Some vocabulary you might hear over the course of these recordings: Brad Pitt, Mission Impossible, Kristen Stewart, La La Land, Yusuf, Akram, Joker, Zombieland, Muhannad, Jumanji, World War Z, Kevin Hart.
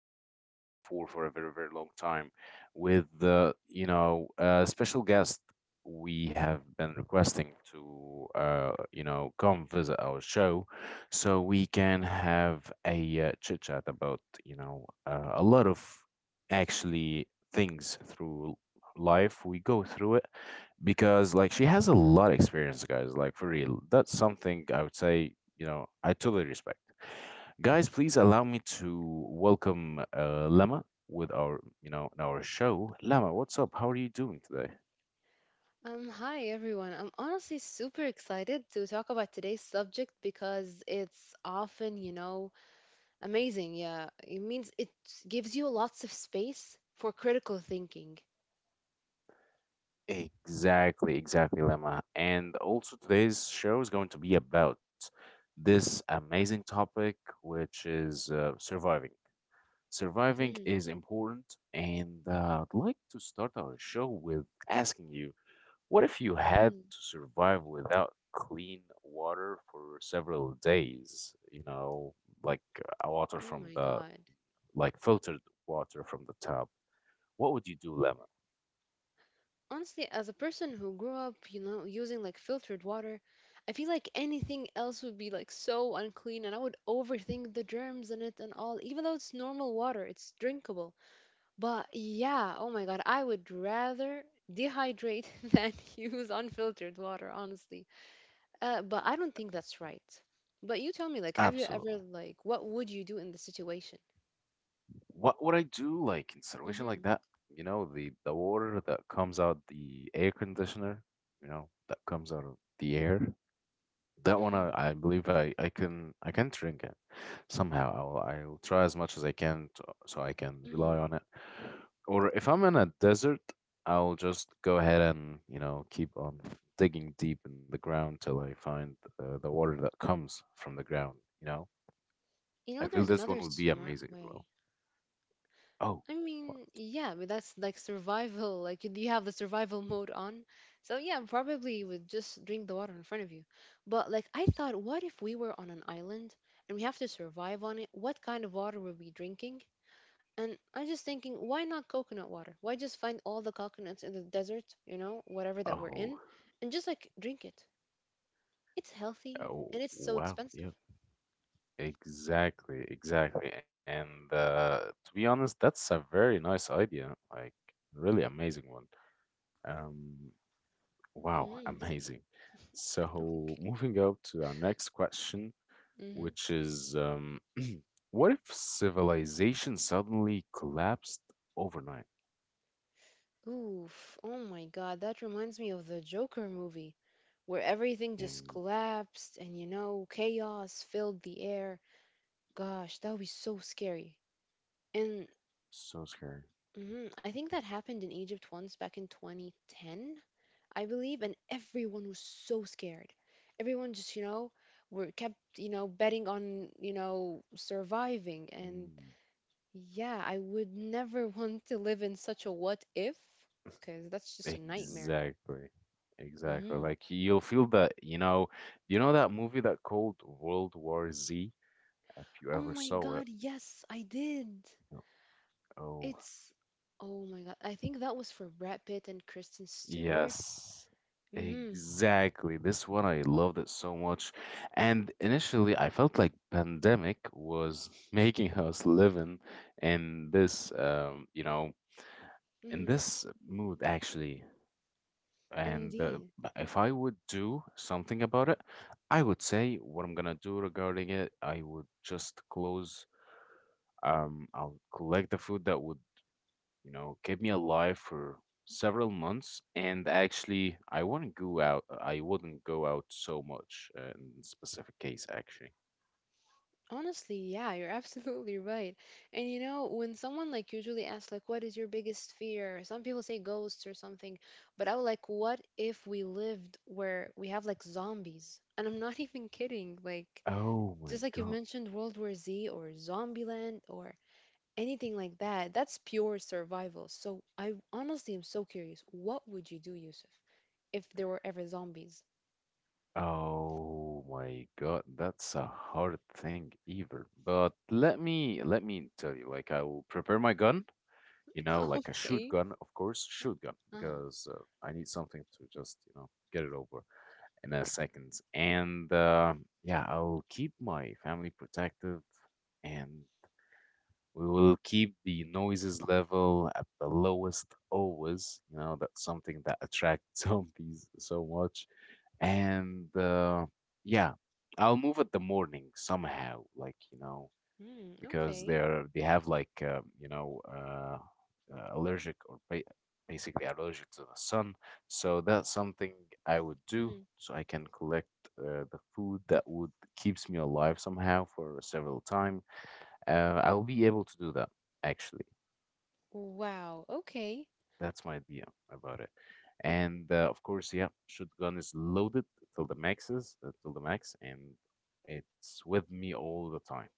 been waiting for a very, very long time, with the special guest we have been requesting to come visit our show, so we can have a chit chat about a lot of actually things through life we go through it, because like she has a lot of experience, guys. Like for real, that's something I would say. You know, I totally respect. Guys, please allow me to welcome Lama with our, in our show. Lama, what's up? How are you doing today? Hi everyone. I'm honestly super excited to talk about today's subject because it's often, you know, amazing. Yeah, it means it gives you lots of space for critical thinking. Exactly, exactly, Lama. And also, today's show is going to be about this amazing topic, which is surviving. Surviving is important, and I'd like to start our show with asking you. What if you Mm-hmm. had to survive without clean water for several days? You know, like water Oh my from the, God. like filtered water from the tap. What would you do, Lemon? Honestly, as a person who grew up, you know, using like filtered water, I feel like anything else would be like so unclean and I would overthink the germs in it and all, even though it's normal water, it's drinkable. But yeah, oh my God, I would rather dehydrate than use unfiltered water, honestly. But I don't think that's right. But you tell me, like, have you ever, Absolutely. like, what would you do in the situation? What would I do? Like in situation Mm-hmm. like that, you know, the water that comes out the air conditioner, you know, that comes out of the air. That one, I, Mm-hmm. I believe I can drink it somehow. I'll try as much as I can to, so I can rely Mm-hmm. on it. Or if I'm in a desert, I'll just go ahead and you know keep on digging deep in the ground till I find the water that comes from the ground. You know, You I know, feel there's this another one would be smart amazing as way. well. Oh, I wha- mean, yeah, but that's like survival. Like, you have the survival mode on. So, yeah, probably you would just drink the water in front of you. But, like, I thought, what if we were on an island and we have to survive on it? What kind of water were we drinking? And I'm just thinking, why not coconut water? Why just find all the coconuts in the desert, you know, whatever that we're oh, in, and just like drink it? It's healthy oh, and it's so wow, expensive. yeah. Exactly, exactly. And to be honest, that's a very nice idea. Like, really amazing one. Um, wow, Mm, amazing. So, okay. moving up to our next question, Mm-hmm. which is what if civilization suddenly collapsed overnight? Oof. Oh my God, that reminds me of the Joker movie where everything just Um, collapsed and, you know, chaos filled the air. Gosh, that would be so scary. And so scary. mhm, I think that happened in Egypt once back in 2010. I believe, and everyone was so scared. Everyone just, you know, were kept, you know, betting on, you know, surviving. And Mm, yeah, I would never want to live in such a what if, because that's just a nightmare. exactly. Exactly. Hmm. Like, you'll feel that, you know, that movie that called World War Z? If you Oh ever my saw it, God, yes, I did. you know, oh, It's, oh my God, I think that was for Brad Pitt and Kristen Stewart. yes, Mm-hmm. exactly. This one, I loved it so much. And initially, I felt like pandemic was making us live in this, um, you know, in Mm-hmm. this mood actually. And Indeed. If I would do something about it, I would say what I'm gonna do regarding it. I would just close. I'll collect the food that would, you know, kept me alive for several months. And actually, I wouldn't go out. I wouldn't go out so much in specific case, actually. Honestly, yeah, you're absolutely right. And you know, when someone like usually asks like what is your biggest fear? Some people say ghosts or something, but I was like what if we lived where we have like zombies? And I'm not even kidding. Like Oh my just like you have God. mentioned World War Z or Zombieland or anything like that, that's pure survival. So I honestly am so curious. What would you do, Yusuf, if there were ever zombies? Oh my God, that's a hard thing either. But let me tell you, like I will prepare my gun, you know, like a shoot Okay. gun, of course, shoot gun, Uh-huh. because I need something to just, you know, get it over in a second. And yeah, I'll keep my family protective, and we will keep the noises level at the lowest always. You know, that's something that attracts zombies so much. And yeah, I'll move at the morning somehow. Like, you know, Mm, because okay. They have like allergic, or basically allergic to the sun. So that's something I would do Mm-hmm. so I can collect the food that would keeps me alive somehow for several time. I'll be able to do that actually. Wow. Okay. That's my idea about it. And of course, yeah, shotgun is loaded till the maxes, till the max, and it's with me all the time,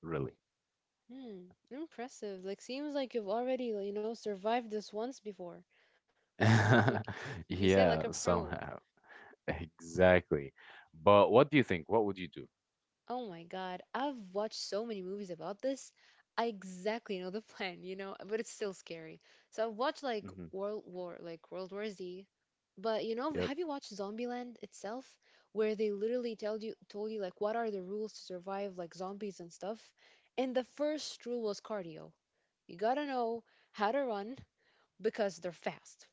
really. Hmm. Impressive. Like seems like you've already, you know, survived this once before. Like you say like a Yeah, pro. somehow. Exactly. But what do you think? What would you do? Oh my God. I've watched so many movies about this. I exactly know the plan, you know, but it's still scary. So I've watched Mhm. Like World War Z. But you know, Yep, have you watched Zombieland itself, where they literally tell you told you like what are the rules to survive like zombies and stuff? And the first rule was cardio. You gotta know how to run because they're fast.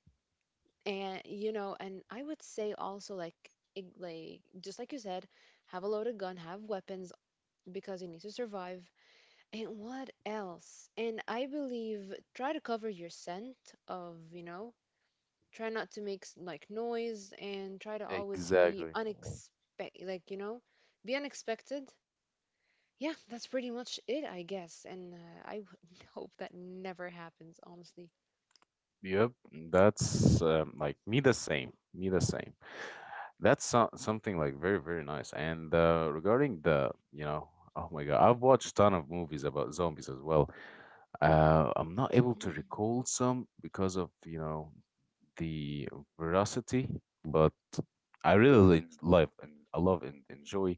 And you know, and I would say also like like just like you said, have a loaded gun, have weapons, because you need to survive. And what else, and I believe try to cover your scent of, you know, try not to like noise, and try to always be exactly. unexpected, like, you know, be unexpected. Yeah, that's pretty much it, I guess. And hope that never happens, honestly. Yep, that's like me the same. Me the same. That's so something like very very nice. And regarding the, you know, oh my God, I've watched ton of movies about zombies as well. I'm not able to Mhm. recall some because of, you know, the veracity, but I really love, and I love and enjoy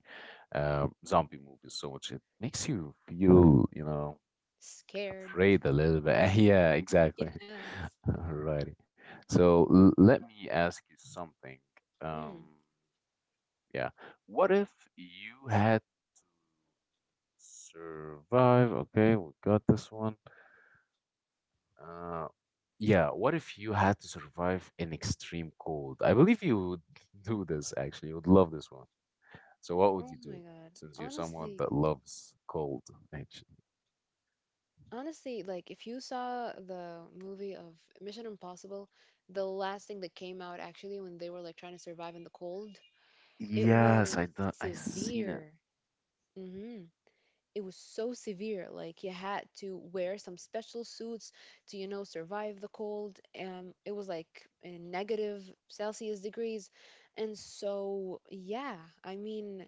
zombie movies so much. It makes you feel, you know, Scared. afraid a little bit. Yeah, exactly. Yes. Alrighty. So let me ask you something. Mm. Um, yeah. What if you had survived? Okay, we got this one. Uh, yeah, what if you had to survive an extreme cold? I believe you would do this actually. You would love this one. So what would Oh you my do, God. since you're someone Honestly, that loves cold actually? honestly, like if you saw the movie of Mission Impossible, the last thing that came out actually when they were like trying to survive in the cold, it Yes, was I done, I seen it. severe. Mm-hmm. It was so severe. Like you had to wear some special suits to, you know, survive the cold. It was like in negative Celsius degrees. And so, yeah, I mean,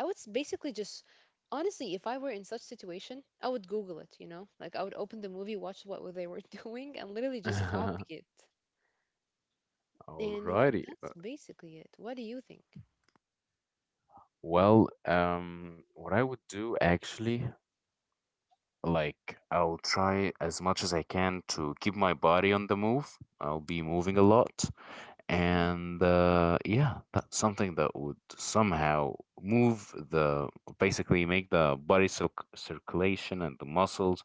basically just honestly, if I were in such situation, I would Google it. You know, like I would open the movie, watch what they were doing, and literally just copy it. And yeah, Alrighty. that's basically it. What do you think? Well, what I would do actually, like, I'll try as much as I can to keep my body on the move. I'll be moving a lot, Mm-hmm. and yeah, that's something that would somehow move the, basically make the body circulation and the muscles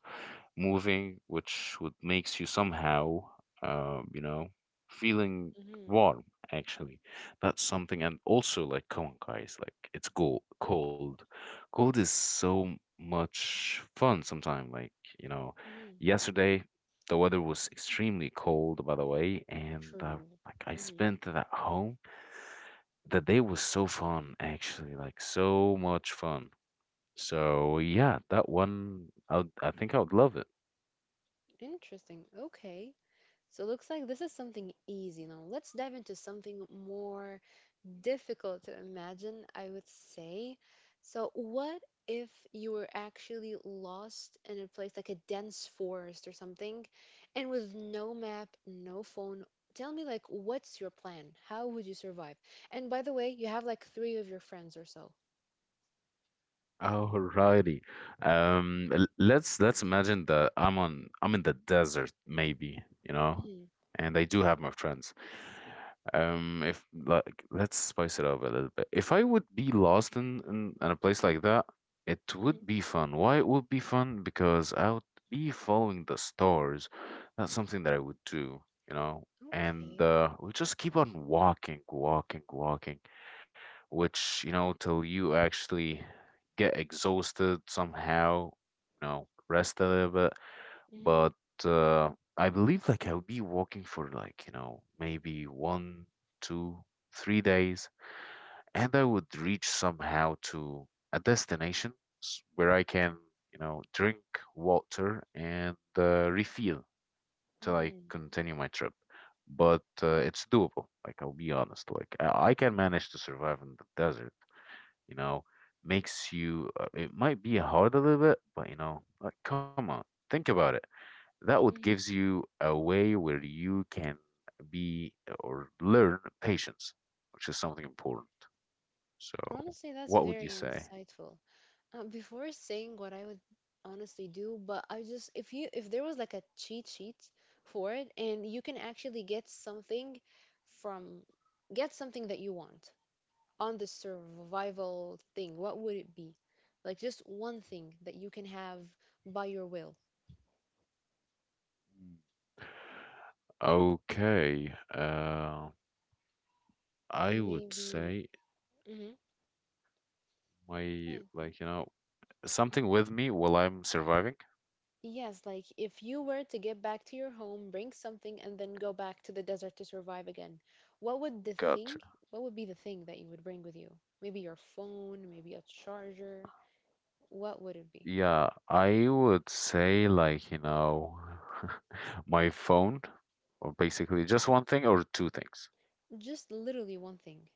moving, which would makes you somehow, you know, feeling warm actually. That's something. And also, like, come on, guys, like it's cold is so much fun sometimes, like, you know, Mm-hmm. yesterday the weather was extremely cold, by the way, and I, True. like, I Mm-hmm. spent that home. The day was so fun, actually, like so much fun. So yeah, that one, I would, I think I would love it. Interesting. Okay. So looks like this is something easy now. Let's dive into something more difficult to imagine, I would say. So, what if you were actually lost in a place like a dense forest or something, and with no map, no phone? Tell me, like, what's your plan? How would you survive? And by the way, you have like three of your friends or so. Alrighty. Let's imagine that I'm in the desert, maybe, you know, Mhm, and I do have my friends. If, like, let's spice it up a little bit. If I would be lost in a place like that, it mhm. would be fun. Why it would be fun? Because I would be following the stars. That's something that I would do, you know. And Okay. We just keep on walking, walking, walking, which, you know, till you actually get exhausted somehow, you know, rest a little bit, Mm-hmm. but uh, I believe, like, I'll be walking for, like, you know, maybe 1, 2, 3 days, and I would reach somehow to a destination where I can, you know, drink water and refill till I Mm-hmm. continue my trip. But it's doable. Like, I'll be honest, like I can manage to survive in the desert. You know, makes you, it might be hard a little bit, but, you know, like, come on, think about it. That would Mm-hmm. gives you a way where you can be or learn patience, which is something important. So, Honestly, that's what would you very say? insightful. Before saying what I would honestly do, but I just if you if there was like a cheat sheet for it and you can actually get something from get something that you want on the survival thing, what would it be? Like just one thing that you can have by your will. Okay. I would Maybe. say Hmm. my, Yeah. like, you know, something with me while I'm surviving. Yes, like if you were to get back to your home, bring something, and then go back to the desert to survive again, what would the God, thing, what would be the thing that you would bring with you? Maybe your phone, maybe a charger. What would it be? yeah, I would say, like, you know, my phone, or basically just one thing or two things. Just literally one thing.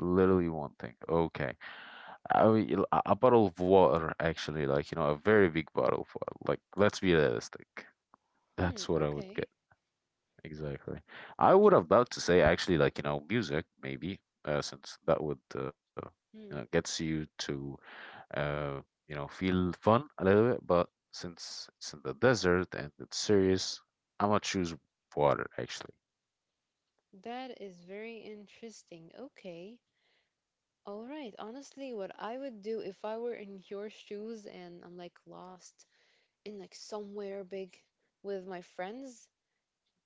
Literally one thing. Okay. A bottle of water, actually, like, you know, a very big bottle of water. Like, let's be realistic. Hmm, That's what I would okay. get. Exactly. I would Interesting. about to say actually, like, you know, music maybe, since that would, you know, Hmm, gets you to, uh, you know, feel fun a little bit, but since it's in the desert and it's serious, I'm gonna choose water actually. that is very interesting. Okay. All right. Honestly, what I would do if I were in your shoes and I'm like lost in like somewhere big with my friends,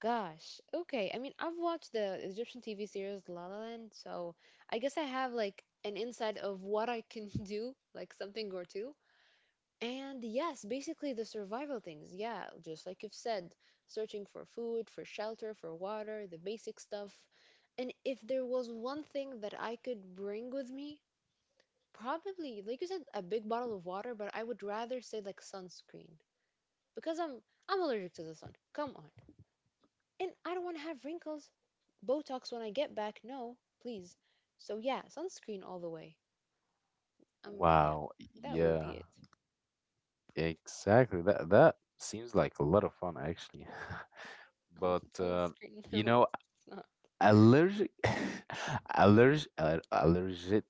gosh. Okay. I mean, I've watched the Egyptian TV series La La Land, so I guess I have like an insight of what I can do, like something or two. And yes, basically the survival things. Yeah, just like you've said, searching for food, for shelter, for water, the basic stuff. And if there was one thing that I could bring with me, probably, like you said, a big bottle of water, but I would rather say like sunscreen because I'm allergic to the sun. Come on. And I don't want to have wrinkles, Botox when I get back. No, please. So yeah, sunscreen all the way. Yeah, Wow. that would be Yeah, it. exactly. That seems like a lot of fun actually. But Sunscreen. you No, know, it's not. allergic allergic allergic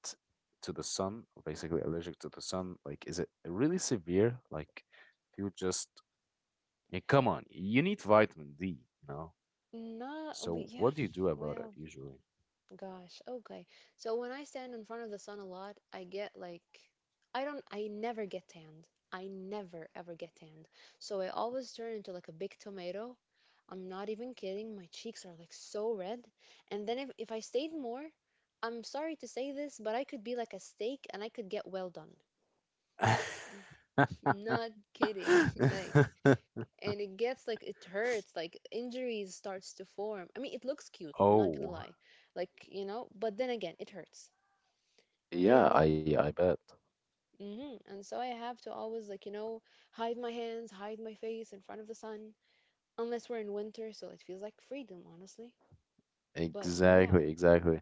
to the sun, or basically allergic to the sun, like is it really severe, like if you just, yeah, come on, you need vitamin D, you know, Not we. so Yeah. what do you do about it Well, usually? gosh. Okay. So when I stand in front of the sun a lot, I get like, I don't. I never get tanned. I never ever get tanned. So I always turn into like a big tomato. I'm not even kidding. My cheeks are like so red. And then if I stayed more, I'm sorry to say this, but I could be like a steak and I could get well done. Not kidding. Like, and it gets like it hurts, like injuries starts to form. I mean, it looks cute, I'm not gonna Oh lie. Like, you know, but then again, it hurts. yeah, i And i bet. mm and so I have to always like, you know, hide my hands, hide my face in front of the sun, unless we're in winter, so it feels like freedom, honestly. But yeah. Exactly.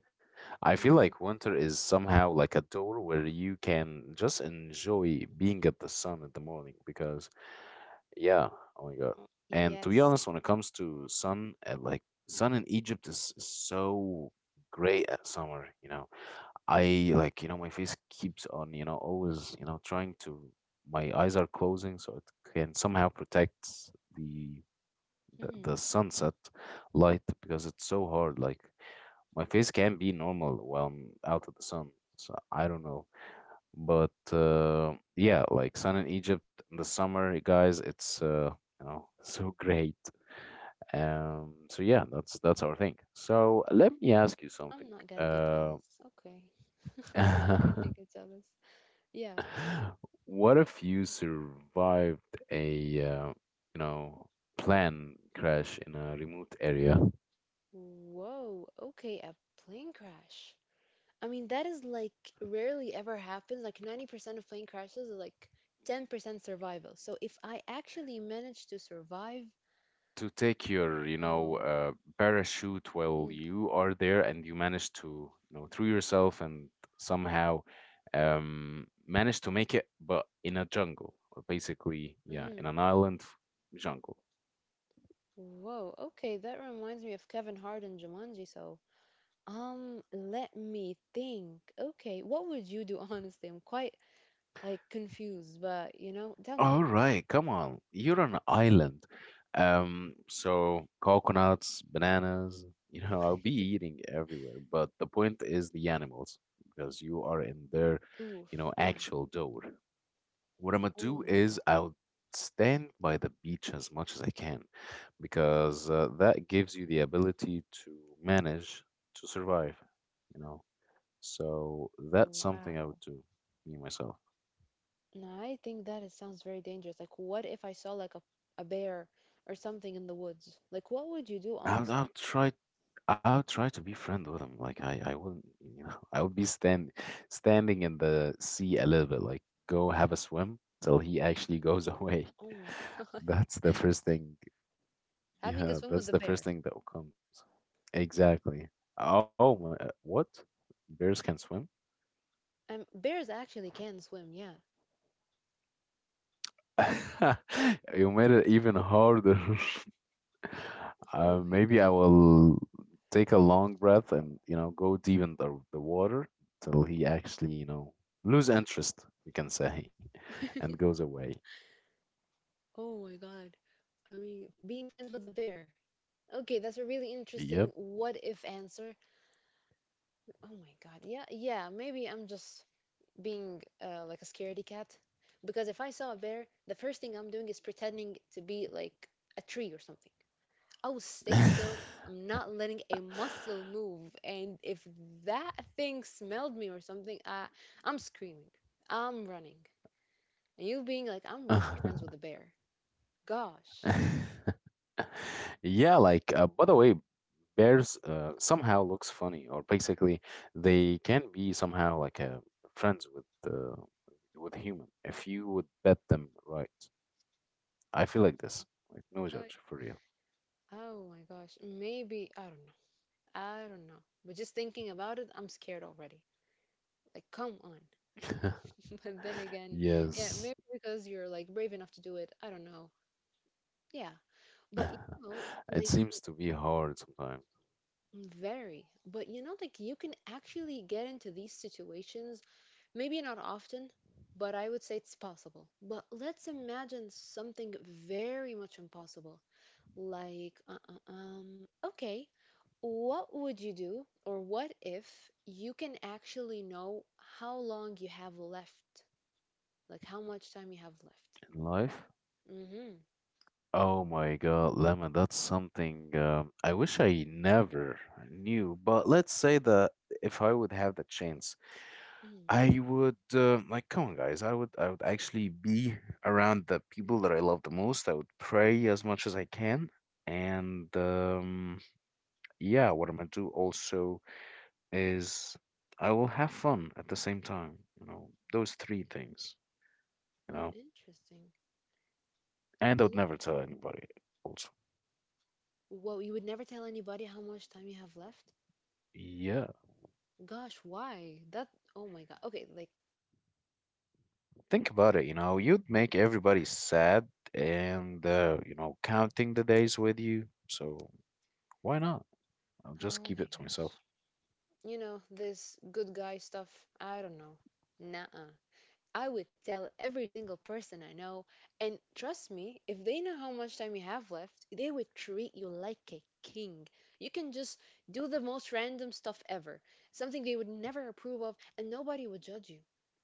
I feel like Hmm. winter is somehow like a door where you can just enjoy being at the sun in the morning, because yeah. Oh my God. And to be Yes. honest, when it comes to sun, like, sun in Egypt is so great at summer, you know. I, like, you know, my face keeps on, you know, always, you know, trying to, my eyes are closing so it can somehow protect the Mm-hmm. the sunset light, because it's so hard. Like, my face can be normal while I'm out of the sun. So I don't know. But yeah, like sun in Egypt in the summer, guys, it's you know, so great. So yeah, that's our thing. So let me ask you something. I'm not gonna get Uh, jealous. Okay. I'm not gonna get jealous. Yeah. what if you survived a you know, plane crash in a remote area, Whoa. Okay, a plane crash. I mean, that is like rarely ever happens. Like 90% of plane crashes are like 10% survival. So if I actually manage to survive, to take your, you whoa. know, parachute while Mm. you are there, and you manage to, you know, through yourself and somehow, manage to make it, but in a jungle, or basically yeah, in Mm-hmm. an island jungle. Whoa. Okay, that reminds me of Kevin Hart and Jumanji. So, let me think. Okay, what would you do, honestly? I'm quite like confused, but you know, tell All me. right, come on, you're on an island. So coconuts, bananas, you know, I'll be eating everywhere, but the point is the animals, because you are in their, you Oof, know, yeah. actual door. What I'm gonna do Oh my is God. I'll stand by the beach as much as I can, because that gives you the ability to manage to survive, you know. So that's Oh, something I wow. would do, me myself. No, I think that it sounds very dangerous. Like, what if I saw like a bear or something in the woods? Like, what would you do, I'll, I'll honestly? try I'll try to be friend with him. Like I wouldn't, you know, I would be standing in the sea a little bit, like go have a swim till he actually goes away. Oh my God. That's the first thing. Having a Yeah, swim with a that's the bear. first thing that comes. Exactly. Oh, my, what? Bears can swim? Bears actually can swim, yeah. You made it even harder. Oh Uh, my maybe God. I will take a long breath and, you know, go deep in the water till he actually, you know, lose interest, we can say, and goes away. Oh my God. I mean, being friends with a bear. Okay, that's a really interesting Yep. what if answer. Oh my God. Yeah, yeah, maybe I'm just being like a scaredy cat because if I saw a bear, the first thing I'm doing is pretending to be like a tree or something. I will stay still. I'm not letting a muscle move. And if that thing smelled me or something, I'm screaming. I'm running. And you being like, I'm gonna be friends with the bear. Gosh. Yeah, like by the way, bears somehow looks funny, or basically they can be somehow like friends with human if you would bet them right. I feel like this, like no I- judge for real. Oh my gosh. Maybe I don't know. I don't know. But just thinking about it, I'm scared already. Like, come on. But then again, yeah, Yes, maybe because you're like brave enough to do it. I don't know. Yeah. But you know, it like seems to be hard sometimes mm, very. But you know, like you can actually get into these situations, maybe not often, but I would say it's possible. But let's imagine something very much impossible. Like, okay, what would you do, or what if you can actually know how long you have left? Like, how much time you have left? in life. Mm-hmm. Oh my God, Lemon, that's something I wish I never knew. But let's say that if I would have the chance, Mm. I would like come on guys I would actually be around the people that I love the most. I would pray as much as I can, and yeah, what I'm gonna do also is I will have fun at the same time, you know, those three things, you Hmm, know. interesting. And I would You know, never tell anybody also. well, you would never tell anybody how much time you have left? Yeah, Gosh, why? That, oh my God. Okay, like, carry on and I'll let you know why. think about it, you know, you'd make everybody sad, and you know, counting the days with you, so why not? I'll just Oh keep my it to myself. gosh. You know, this good guy stuff, I don't know. Nah. I would tell every single person I know. And trust me, if they know how much time you have left, they would treat you like a king. You can just do the most random stuff ever, something they would never approve of, and nobody would judge you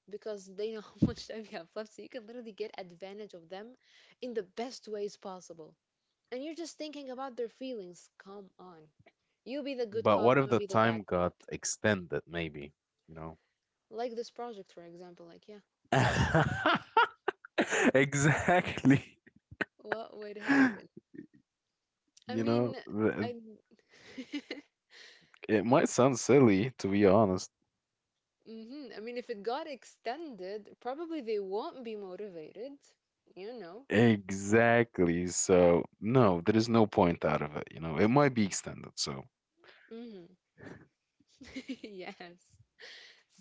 because they know how much time you have left. So you can literally get advantage of them in the best ways possible. And you're just thinking about their feelings. Come on. You be the good But what cop, if the I'll be the time bad cop. got extended, maybe? You know? Like this project, for example. Like, yeah, well, Exactly. what would happen? I You know, mean, I. it might sound silly, to be honest. I mean, if it got extended, probably they won't be motivated, you know? Exactly. So, no, there is no point out of it. You know, it might be extended. So, hmm Yes.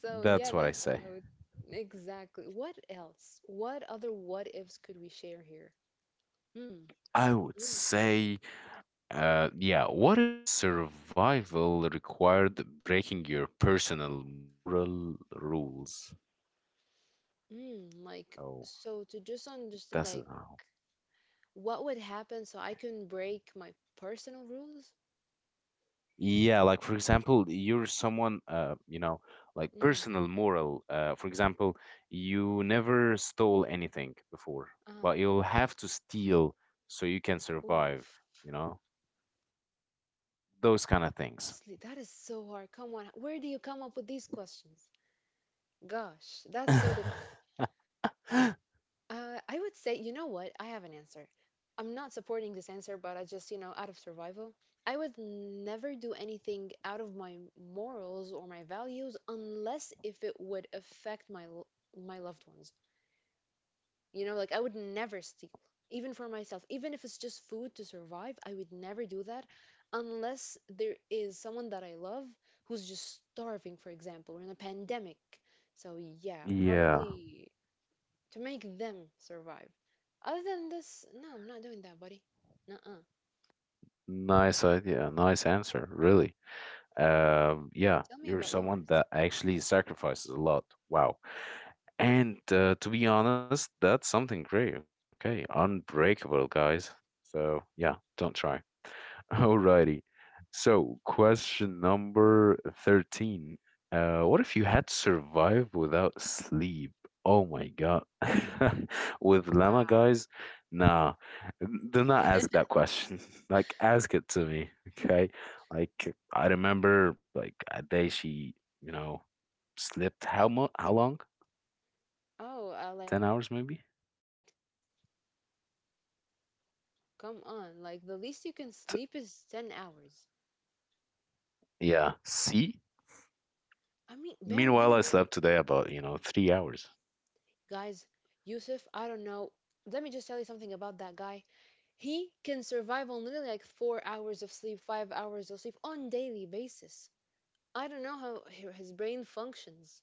So, yeah, that's what I that's what say. I would. Exactly. What else? What other what ifs could we share here? Hmm. I would I'm thinking. say, yeah, what if survival required breaking your personal moral rules? Hmm. Like, Oh, so to just understand, that's it. like, what would happen so I can break my personal rules? Yeah, like for example, you're someone, you know, like Hmm. personal moral. For example, you never stole anything before, Ah. but you'll have to steal so you can survive, Oof. you know, Oh my those gosh, kind of I things. honestly, that is so hard. Come on, where do you come up with these questions? Gosh, that's so difficult. I would say, you know what? I have an answer. I'm not supporting this answer, but I just, out of survival, I would never do anything out of my morals or my values unless if it would affect my loved ones. You know, like I would never steal, even for myself, even if it's just food to survive, I would never do that unless there is someone that I love who's just starving, for example, or in a pandemic. So, yeah, Yeah, probably to make them survive. Other than this, no, I'm not doing that, buddy. Nuh-uh. nice idea, nice answer, really. Tell Yeah, me about you're someone yours. that actually sacrifices a lot. Wow. And to be honest, that's something great. Okay, unbreakable, guys. So yeah, don't try. Alrighty. So, question number 13. What if you had survived without sleep? Oh my God. With llama Wow. guys? Nah. Do not ask that question. Like, ask it to me. Okay. Like, I remember, like, a day she, you know, slept how much? How long? Oh, like 10 hours 10 maybe? hours at least. Come on, like the least you can T- sleep is 10 hours. yeah. See? I mean, bare Meanwhile, I minimum. slept today about, you know, 3 hours. Guys, Yusuf, I don't know. Let me just tell you something about that guy. He can survive on literally like 4 hours of sleep, 5 hours of sleep on daily basis. I don't know how his brain functions.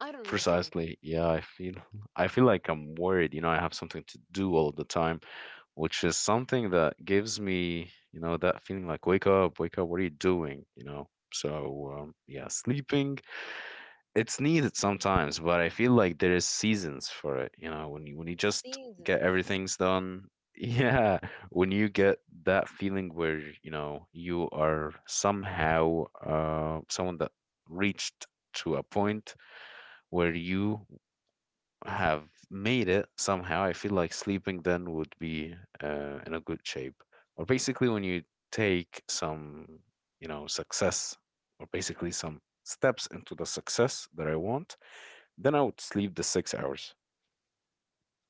I don't understand. Precisely. Yeah, I feel I feel like I'm worried, you know, I have something to do all the time, which is something that gives me, you know, that feeling like wake up, what are you doing? You know. So, yeah, sleeping, it's needed sometimes, but I feel like there is seasons for it, you know, when you just get Seasons. everything's done. Yeah, when you get that feeling where, you know, you are somehow someone that reached to a Mm. point where you have made it somehow, I feel like sleeping then would be in a good shape. Or basically, when you take some, you know, success, or basically some steps into the success that I want, then I would sleep the 6 hours.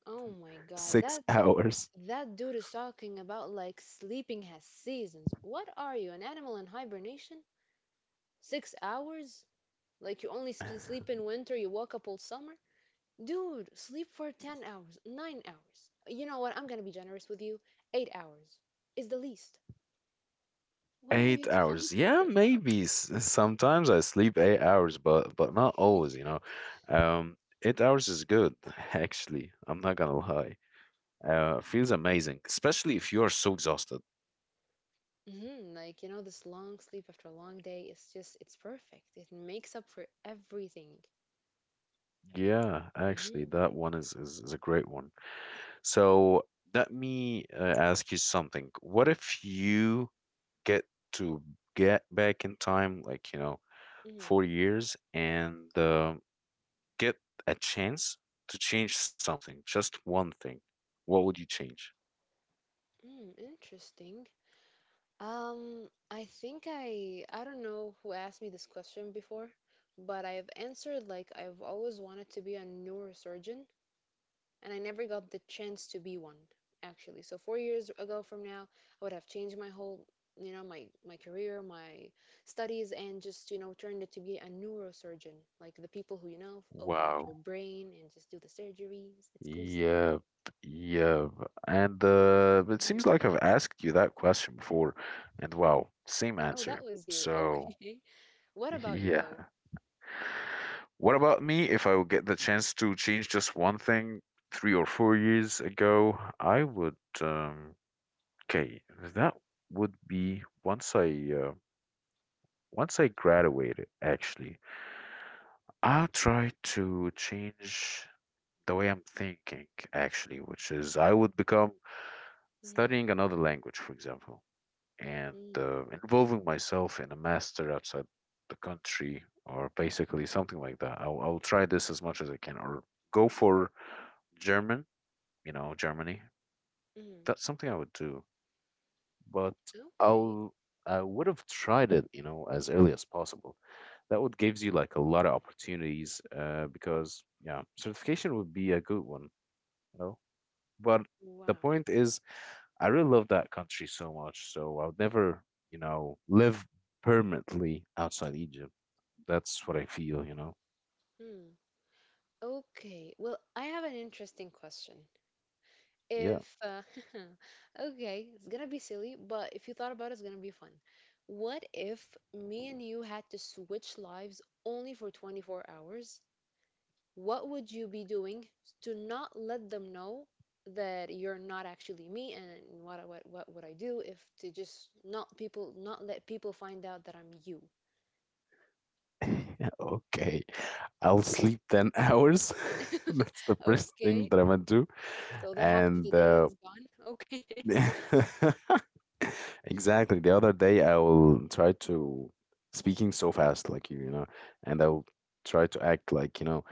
Oh my God, Six that hours. that dude is talking about like sleeping has seasons. What are you, an animal in hibernation? 6 hours? Like you only sleep in winter, you wake up all summer? Dude, sleep for 10 hours, 9 hours. You know what? I'm going to be generous with you. 8 hours is the least. What are Eight you talking hours. Yeah, about? maybe. Sometimes I sleep 8 hours, but not always, you know. Um, 8 hours is good, actually. I'm not gonna lie. Feels amazing, especially if you are so exhausted. Like, you know, this long sleep after a long day is just, it's perfect. It makes up for everything. Yeah, actually, Mm-hmm. that one is a great one. So let me ask you something. What if you get to get back in time, like, you know, Mm-hmm. 4 years, and get a chance to change something, just one thing, what would you change? Mm, interesting. I think I don't know who asked me this question before, but I have answered like I've always wanted to be a neurosurgeon and I never got the chance to be one actually. So 4 years ago from now, I would have changed my whole, you know, my career, my studies, and just you know turned it to be a neurosurgeon, like the people who you know open up your Wow. brain and just do the surgeries. It's cool stuff. Yep. Yep. And it Mhm. seems like I've asked you that question before, and wow, same Oh, that answer. was you. So, Okay. What about you yeah. though? What about me? If I would get the chance to change just one thing 3 or 4 years ago, I would. Um, okay, that would be uh, once I graduated, actually. I try to change the way I'm thinking, actually, which is I would become Mm, studying another language, for example, and mm, involving myself in a master outside the country or basically something like that. I'll try this as much as I can, or go for German, you know, Germany. mm. That's something I would do. But Okay. I'll I would have tried it, you know, as early as possible. That would gives you like a lot of opportunities, because yeah, certification would be a good one, you know. But the Wow. point is, I really love that country so much, so I would never, you know, live permanently outside Egypt. That's what I feel, you know. Hmm. Okay. Well, I have an interesting question. Yeah. If okay, it's gonna be silly, but if you thought about it, it's gonna be fun. What if me and you had to switch lives only for 24 hours? What would you be doing to not let them know that you're not actually me and what would I do if to just not let people find out that I'm you? Okay. I'll sleep 10 hours. That's the first thing Okay. that I'm gonna do. So the half of And the day is gone. Okay. exactly. The other day, I will try to speaking so fast like you know, and I will try to act like, you know,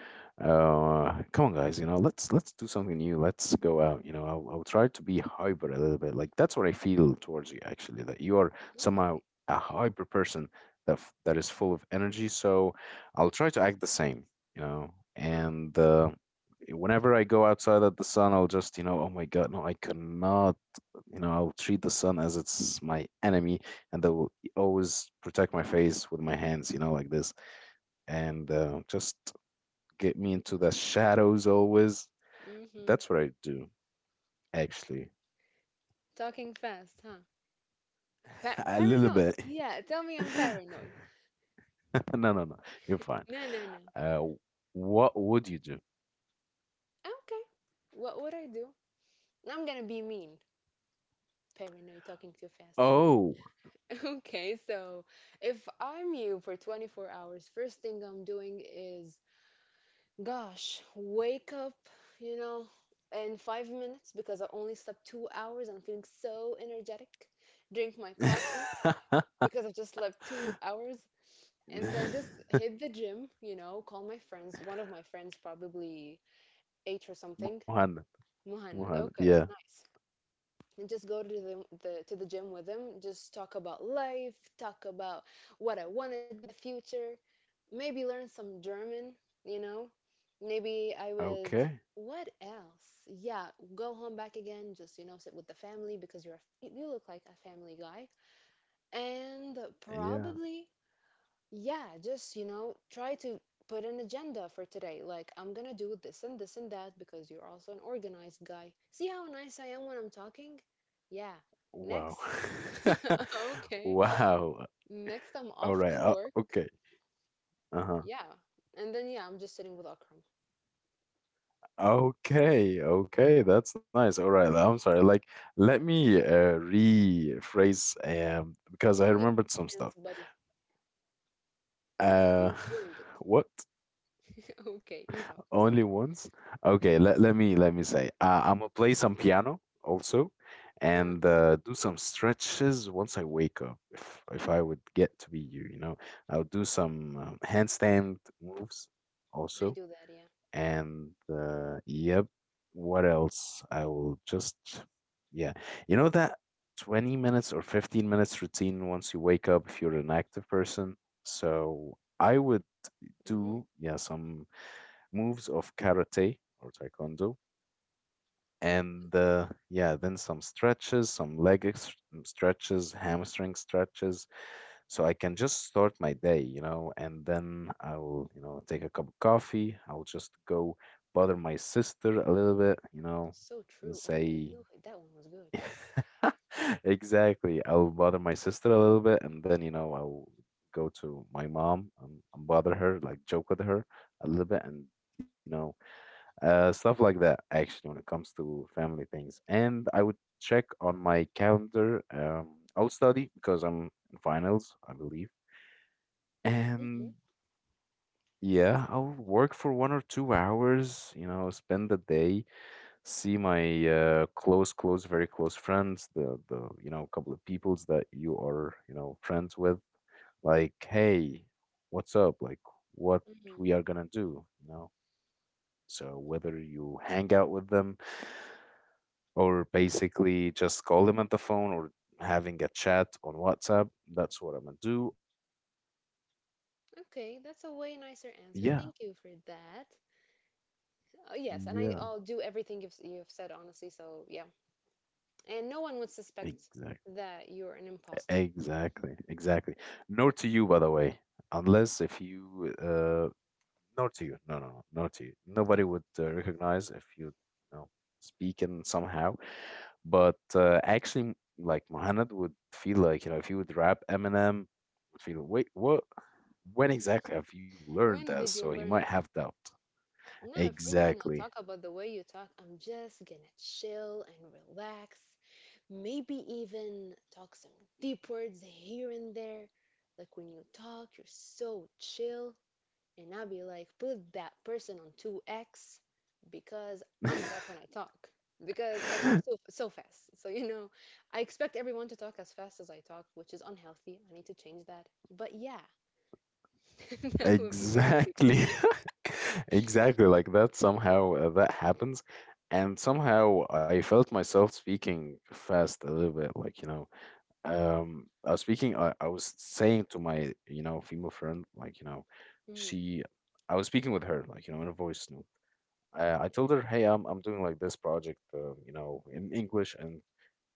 come on, guys, you know, let's do something new. Let's go out, you know. I'll try to be hyper a little bit. Like that's what I feel towards you, actually, that you are Okay. somehow a hyper person that is full of energy. So I'll try to act the same, you know, Huh. and whenever I go outside at the sun, I'll just, you know, oh my God, no, I cannot, you know, I'll treat the sun as it's my enemy, and I will always protect my face with my hands, you know, like this, and just get me into the shadows always. Mm-hmm. That's what I do, actually. Talking fast, huh? A little Paranoid. bit. Yeah, tell me I'm paranoid. No, no, no. You're fine. No, no, no. Uh, what would you do? Okay. What would I do? I'm gonna be mean. Paranoid, talking too fast. Okay. Oh, Okay, so if I'm you for 24 hours, first thing I'm doing is, gosh, wake up, you know, in 5 minutes because I only slept 2 hours and I'm feeling so energetic. Drink my coffee because I've just slept 2 hours and then just hit the gym, you know, call my friends. One of my friends probably eight or something. Muhammad, Muhannad. Muhammad. Okay, Yeah. nice. And just go to the gym with him. Just talk about life. Talk about what I want to do in the future. Maybe learn some German. You know. Maybe I would. Okay. What else? Yeah, go home back again. Just you know, sit with the family because you look like a family guy. And Yeah. probably yeah, just, you know, try to put an agenda for today. Like, I'm gonna do this and this and that because you're also an organized guy. See how nice I am when I'm talking? Yeah. Wow. Next. Okay. Wow. Next, I'm All off right. to work. Okay. Uh-huh. Yeah. And then, yeah, I'm just sitting with Akram. Okay, okay, that's nice. All right, I'm sorry. Like, let me rephrase because I Only remembered some chance, stuff. buddy. Uh, You ruined it. what? Okay, you talk. I'm sorry. Only once? Okay, let me say. I'm gonna play some piano also, and Uh-huh. Do some stretches once I wake up. If I would get to be you, you know, I'll do some handstand moves I also. do that, yeah. And yep, what else? I will just, yeah, you know that 20 minutes or 15 minutes routine once you wake up if you're an active person. So I would Mm-hmm. do, yeah, some moves of karate or taekwondo, and Okay. Yeah, then some stretches, some stretches, hamstring stretches, so I can just start my day, you know, and then I'll, you know, take a cup of coffee, I'll just go bother my sister a little bit, you know, So and true. Oh, yeah, say you, that one was good. Yeah. exactly, I'll bother my sister a little bit, and then, you know, I'll go to my mom, and bother her, like joke with her a little bit and, you know, stuff like that, actually, when it comes to family things. And I would check on my calendar. I'll study because I'm in finals, I believe. Mm-hmm. And yeah, I'll work for 1 or 2 hours, you know, spend the day, see my close close very close friends, the you know, couple of peoples that you are, you know, friends with, like hey, what's up, like what we Mm-hmm. are gonna do, you know, so whether you hang out with them, or basically just call them at the phone, or having a chat on WhatsApp. That's what I'm gonna do also. And Okay, that's a way nicer answer. yeah, Thank you for that. Yes, and I, yeah, I'll do everything you've said, honestly. So, yeah. And no one would suspect exactly, that you're an imposter. exactly, exactly. Nor to you, by the way, unless if you, nor to you, no, no, no, nor to you. Nobody would recognize if you, you know, speak in somehow. But actually, like Mohamed would feel like, you know, if he would rap Eminem, would feel, wait, what? When exactly have you learned that? When did So you he might learn have that? doubt. No, if we're gonna Exactly. talk about the way you talk, I'm just gonna chill and relax. Maybe even talk some deep words here and there. Like when you talk, you're so chill. And I'll be like, put that person on 2x because I'm a rep when I talk. Because I talk so, so fast. So, you know, I expect everyone to talk as fast as I talk, which is unhealthy. I need to change that. But yeah, that would be Exactly. basically. Exactly. Like that somehow that happens. And somehow I felt myself speaking fast a little bit. Like, you know, I was speaking, I was saying to my, you know, female friend, like, you know, Mm, she, I was speaking with her, like, you know, in a voice note. Uh, I told her, "Hey, I'm doing like this project, you know, in English and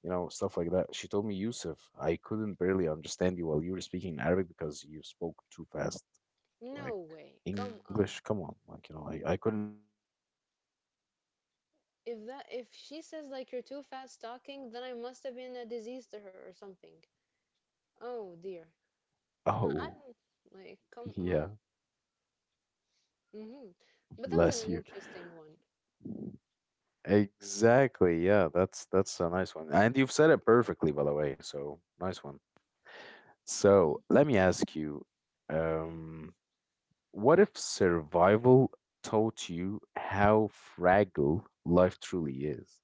you know stuff like that." She told me, "Yusuf, I couldn't barely understand you while you were speaking in Arabic because you spoke too fast. no Like way. Come on. English, come on, like you know, I couldn't even understand you." And I would If that I'd be if like she this says like you're actually, you too know. fast talking, then I must have been a disease to her or something. Oh dear. No, I Oh, don't like come on. yeah, hmm But that was bless an you. interesting one. Exactly. Yeah, that's a nice one, and you've said it perfectly, by the way. So nice one. So let me ask you. Um, What if survival taught you how fragile life truly is?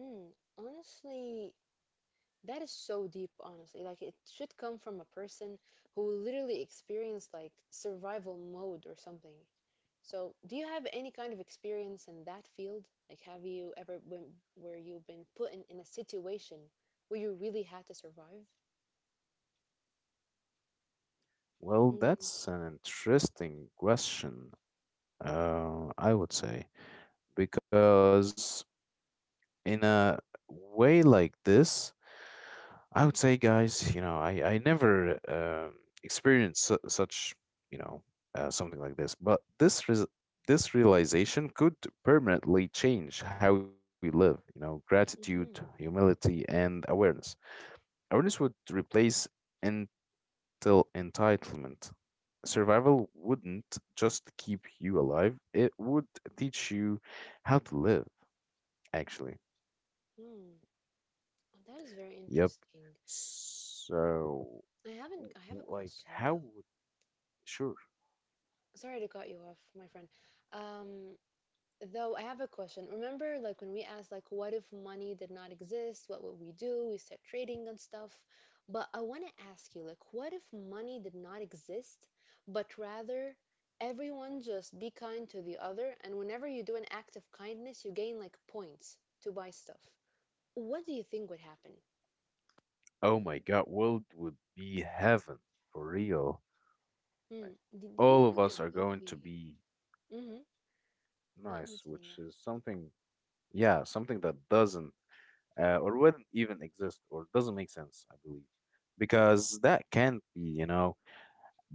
Mm, honestly, that is so deep, honestly. Like, it should come from a person who literally experienced like survival mode or something. So, do you have any kind of experience in that field? Like, have you ever been where you've been put in a situation where you really had to survive? Well, Mm, that's an interesting question, I would say, because in a way like this, I would say, guys, you know, I never experienced such, you know, something like this. But this realization could permanently change how we live. You know, gratitude, mhm, humility, and awareness. Awareness would replace until entitlement. Survival wouldn't just keep you alive; it would teach you how to live, actually. mm. Oh, that is very Yep. interesting. So, I haven't, I have a question how though. would. Sure. Sorry to cut you off, my friend. Um, Though I have a question. Remember, like when we asked, like, what if money did not exist? What would we do? We start trading and stuff. But I want to ask you, like, what if money did not exist, but rather everyone just be kind to the other, and whenever you do an act of kindness, you gain like points to buy stuff. What do you think would happen? Oh my God, world would be heaven for real. Hmm. Like, Do you all of think there us are will going to be? be hmm I'm nice, listening, which yeah. is something, yeah, something that doesn't or wouldn't even exist or doesn't make sense, I believe, because that can't be, you know.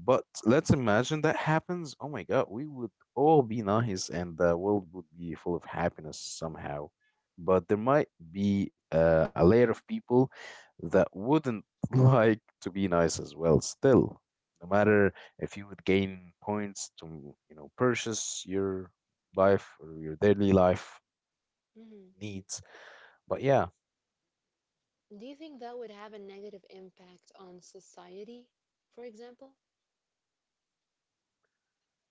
But let's imagine that happens. Oh my God, we would all be nice and the world would be full of happiness somehow. But there might be a layer of people that wouldn't like to be nice as well, still. No matter if you would gain points to, you know, purchase your life or your daily life hmm needs. But yeah, Do you think that would have a negative impact on society, for example?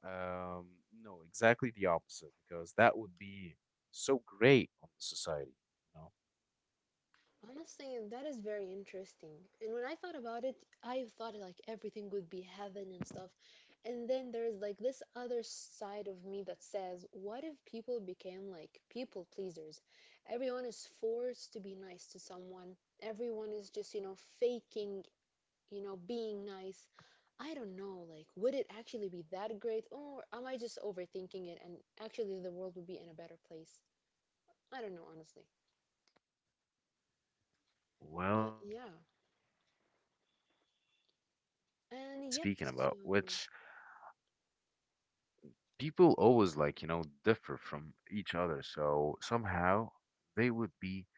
um, no, exactly the opposite, because that would be so great on the society. You. Honestly, that is very interesting. And when I thought about it, I thought like everything would be heaven and stuff. And then there's like this other side of me that says, what if people became like people pleasers? Everyone is forced to be nice to someone. Everyone is just, faking, being nice. I don't know, like, would it actually be that great? Or am I just overthinking it and actually the world would be in a better place? I don't know, honestly. Well, I Well, believe like yeah. that's an interesting topic to be And yep, speaking so. about, which people always like, you know, differ from each other. So somehow they would be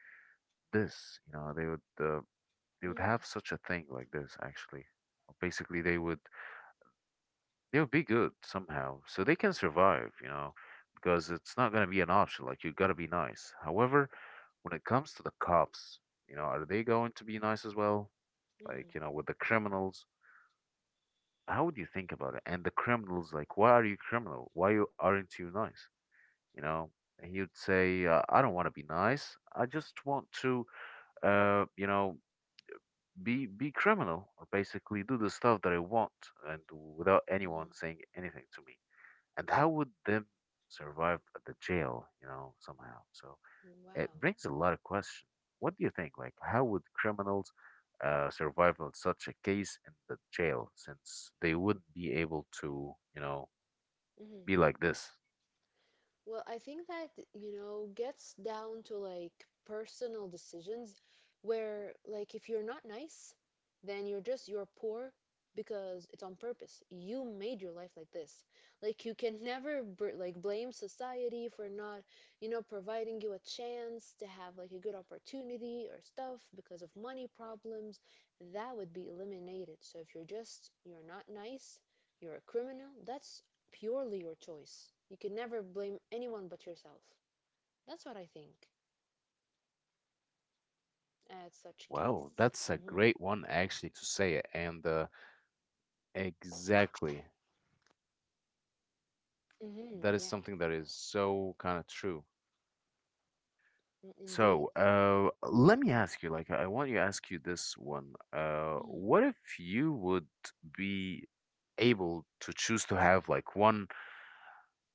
this, you know, they would Mm, have such a thing like this actually. Basically, they would be good somehow, so they can survive, you know, because it's not gonna be an option. Like you gotta be nice. However, when it comes to the cops, you know, are they going to be nice as well? mm, Like, you know, with the criminals how would you think about it? And the criminal's like, why are you criminal? Why you aren't you nice? You know, and you'd say, I don't want to be nice. I just want to, you know, be criminal or basically do the stuff that I want and without mm. anyone saying anything to me. And how would them survive at the jail? You know, somehow. So it Wow. brings a lot of questions. What do you think? Like, how would criminals survive on such a case in the jail since they wouldn't be able to, you know, Mm. be like this? Well, I think that, you know, gets down to like personal decisions where like if you're not nice, then you're just you're poor because it's on purpose. You made your life like this. Like you can never like blame society for not, you know, providing you a chance to have like a good opportunity or stuff because of money problems. That would be eliminated. So if you're just you're not nice, you're a criminal, that's purely your choice. You can never blame anyone but yourself. That's what I think Well, that's a great one actually to at say such it. And case. Hmm, exactly. That is something that is hmm. Yeah, so kind of true. So, mm, indeed. Yes. let me ask you, like, I want you to ask you this one. What Mhm. if you would be able to choose to have like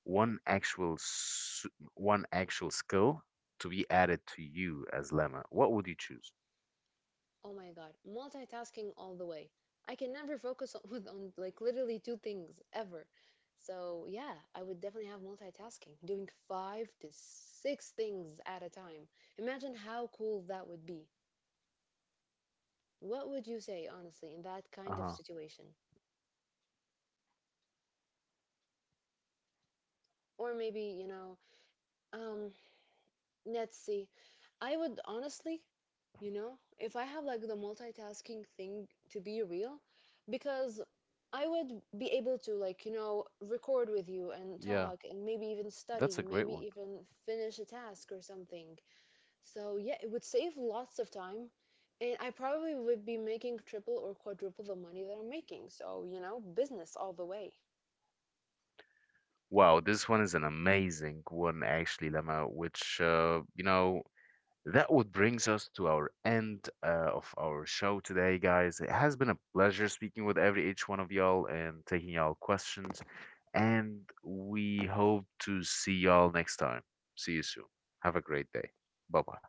one actual s- one actual skill to be added to you as Lemma, what would you choose? Oh my God, multitasking all the way. I can never focus on, on like literally two things ever. So yeah, I would definitely have multitasking, doing five to six things at a time. Imagine how cool that would be. What would you say, honestly, in that Uh-huh. kind of situation? That's something great, Lemma, actually. Or maybe, you know, um, let's see. I would honestly, you know, if I have like the multitasking thing to be real, because I would be able to like, you know, Yeah, record with you and that's a talk and great one. maybe even study, maybe even finish a task or something. So yeah, it would save lots of time. And I probably would be making triple or quadruple the money that I'm making. So, you know, business all the way. Wow, this one is an amazing one, actually, Lemma, which, you know, that would brings us to our end of our show today, guys. It has been a pleasure speaking with every each one of y'all and taking y'all questions. And we hope to see y'all next time. See you soon. Have a great day. Bye bye.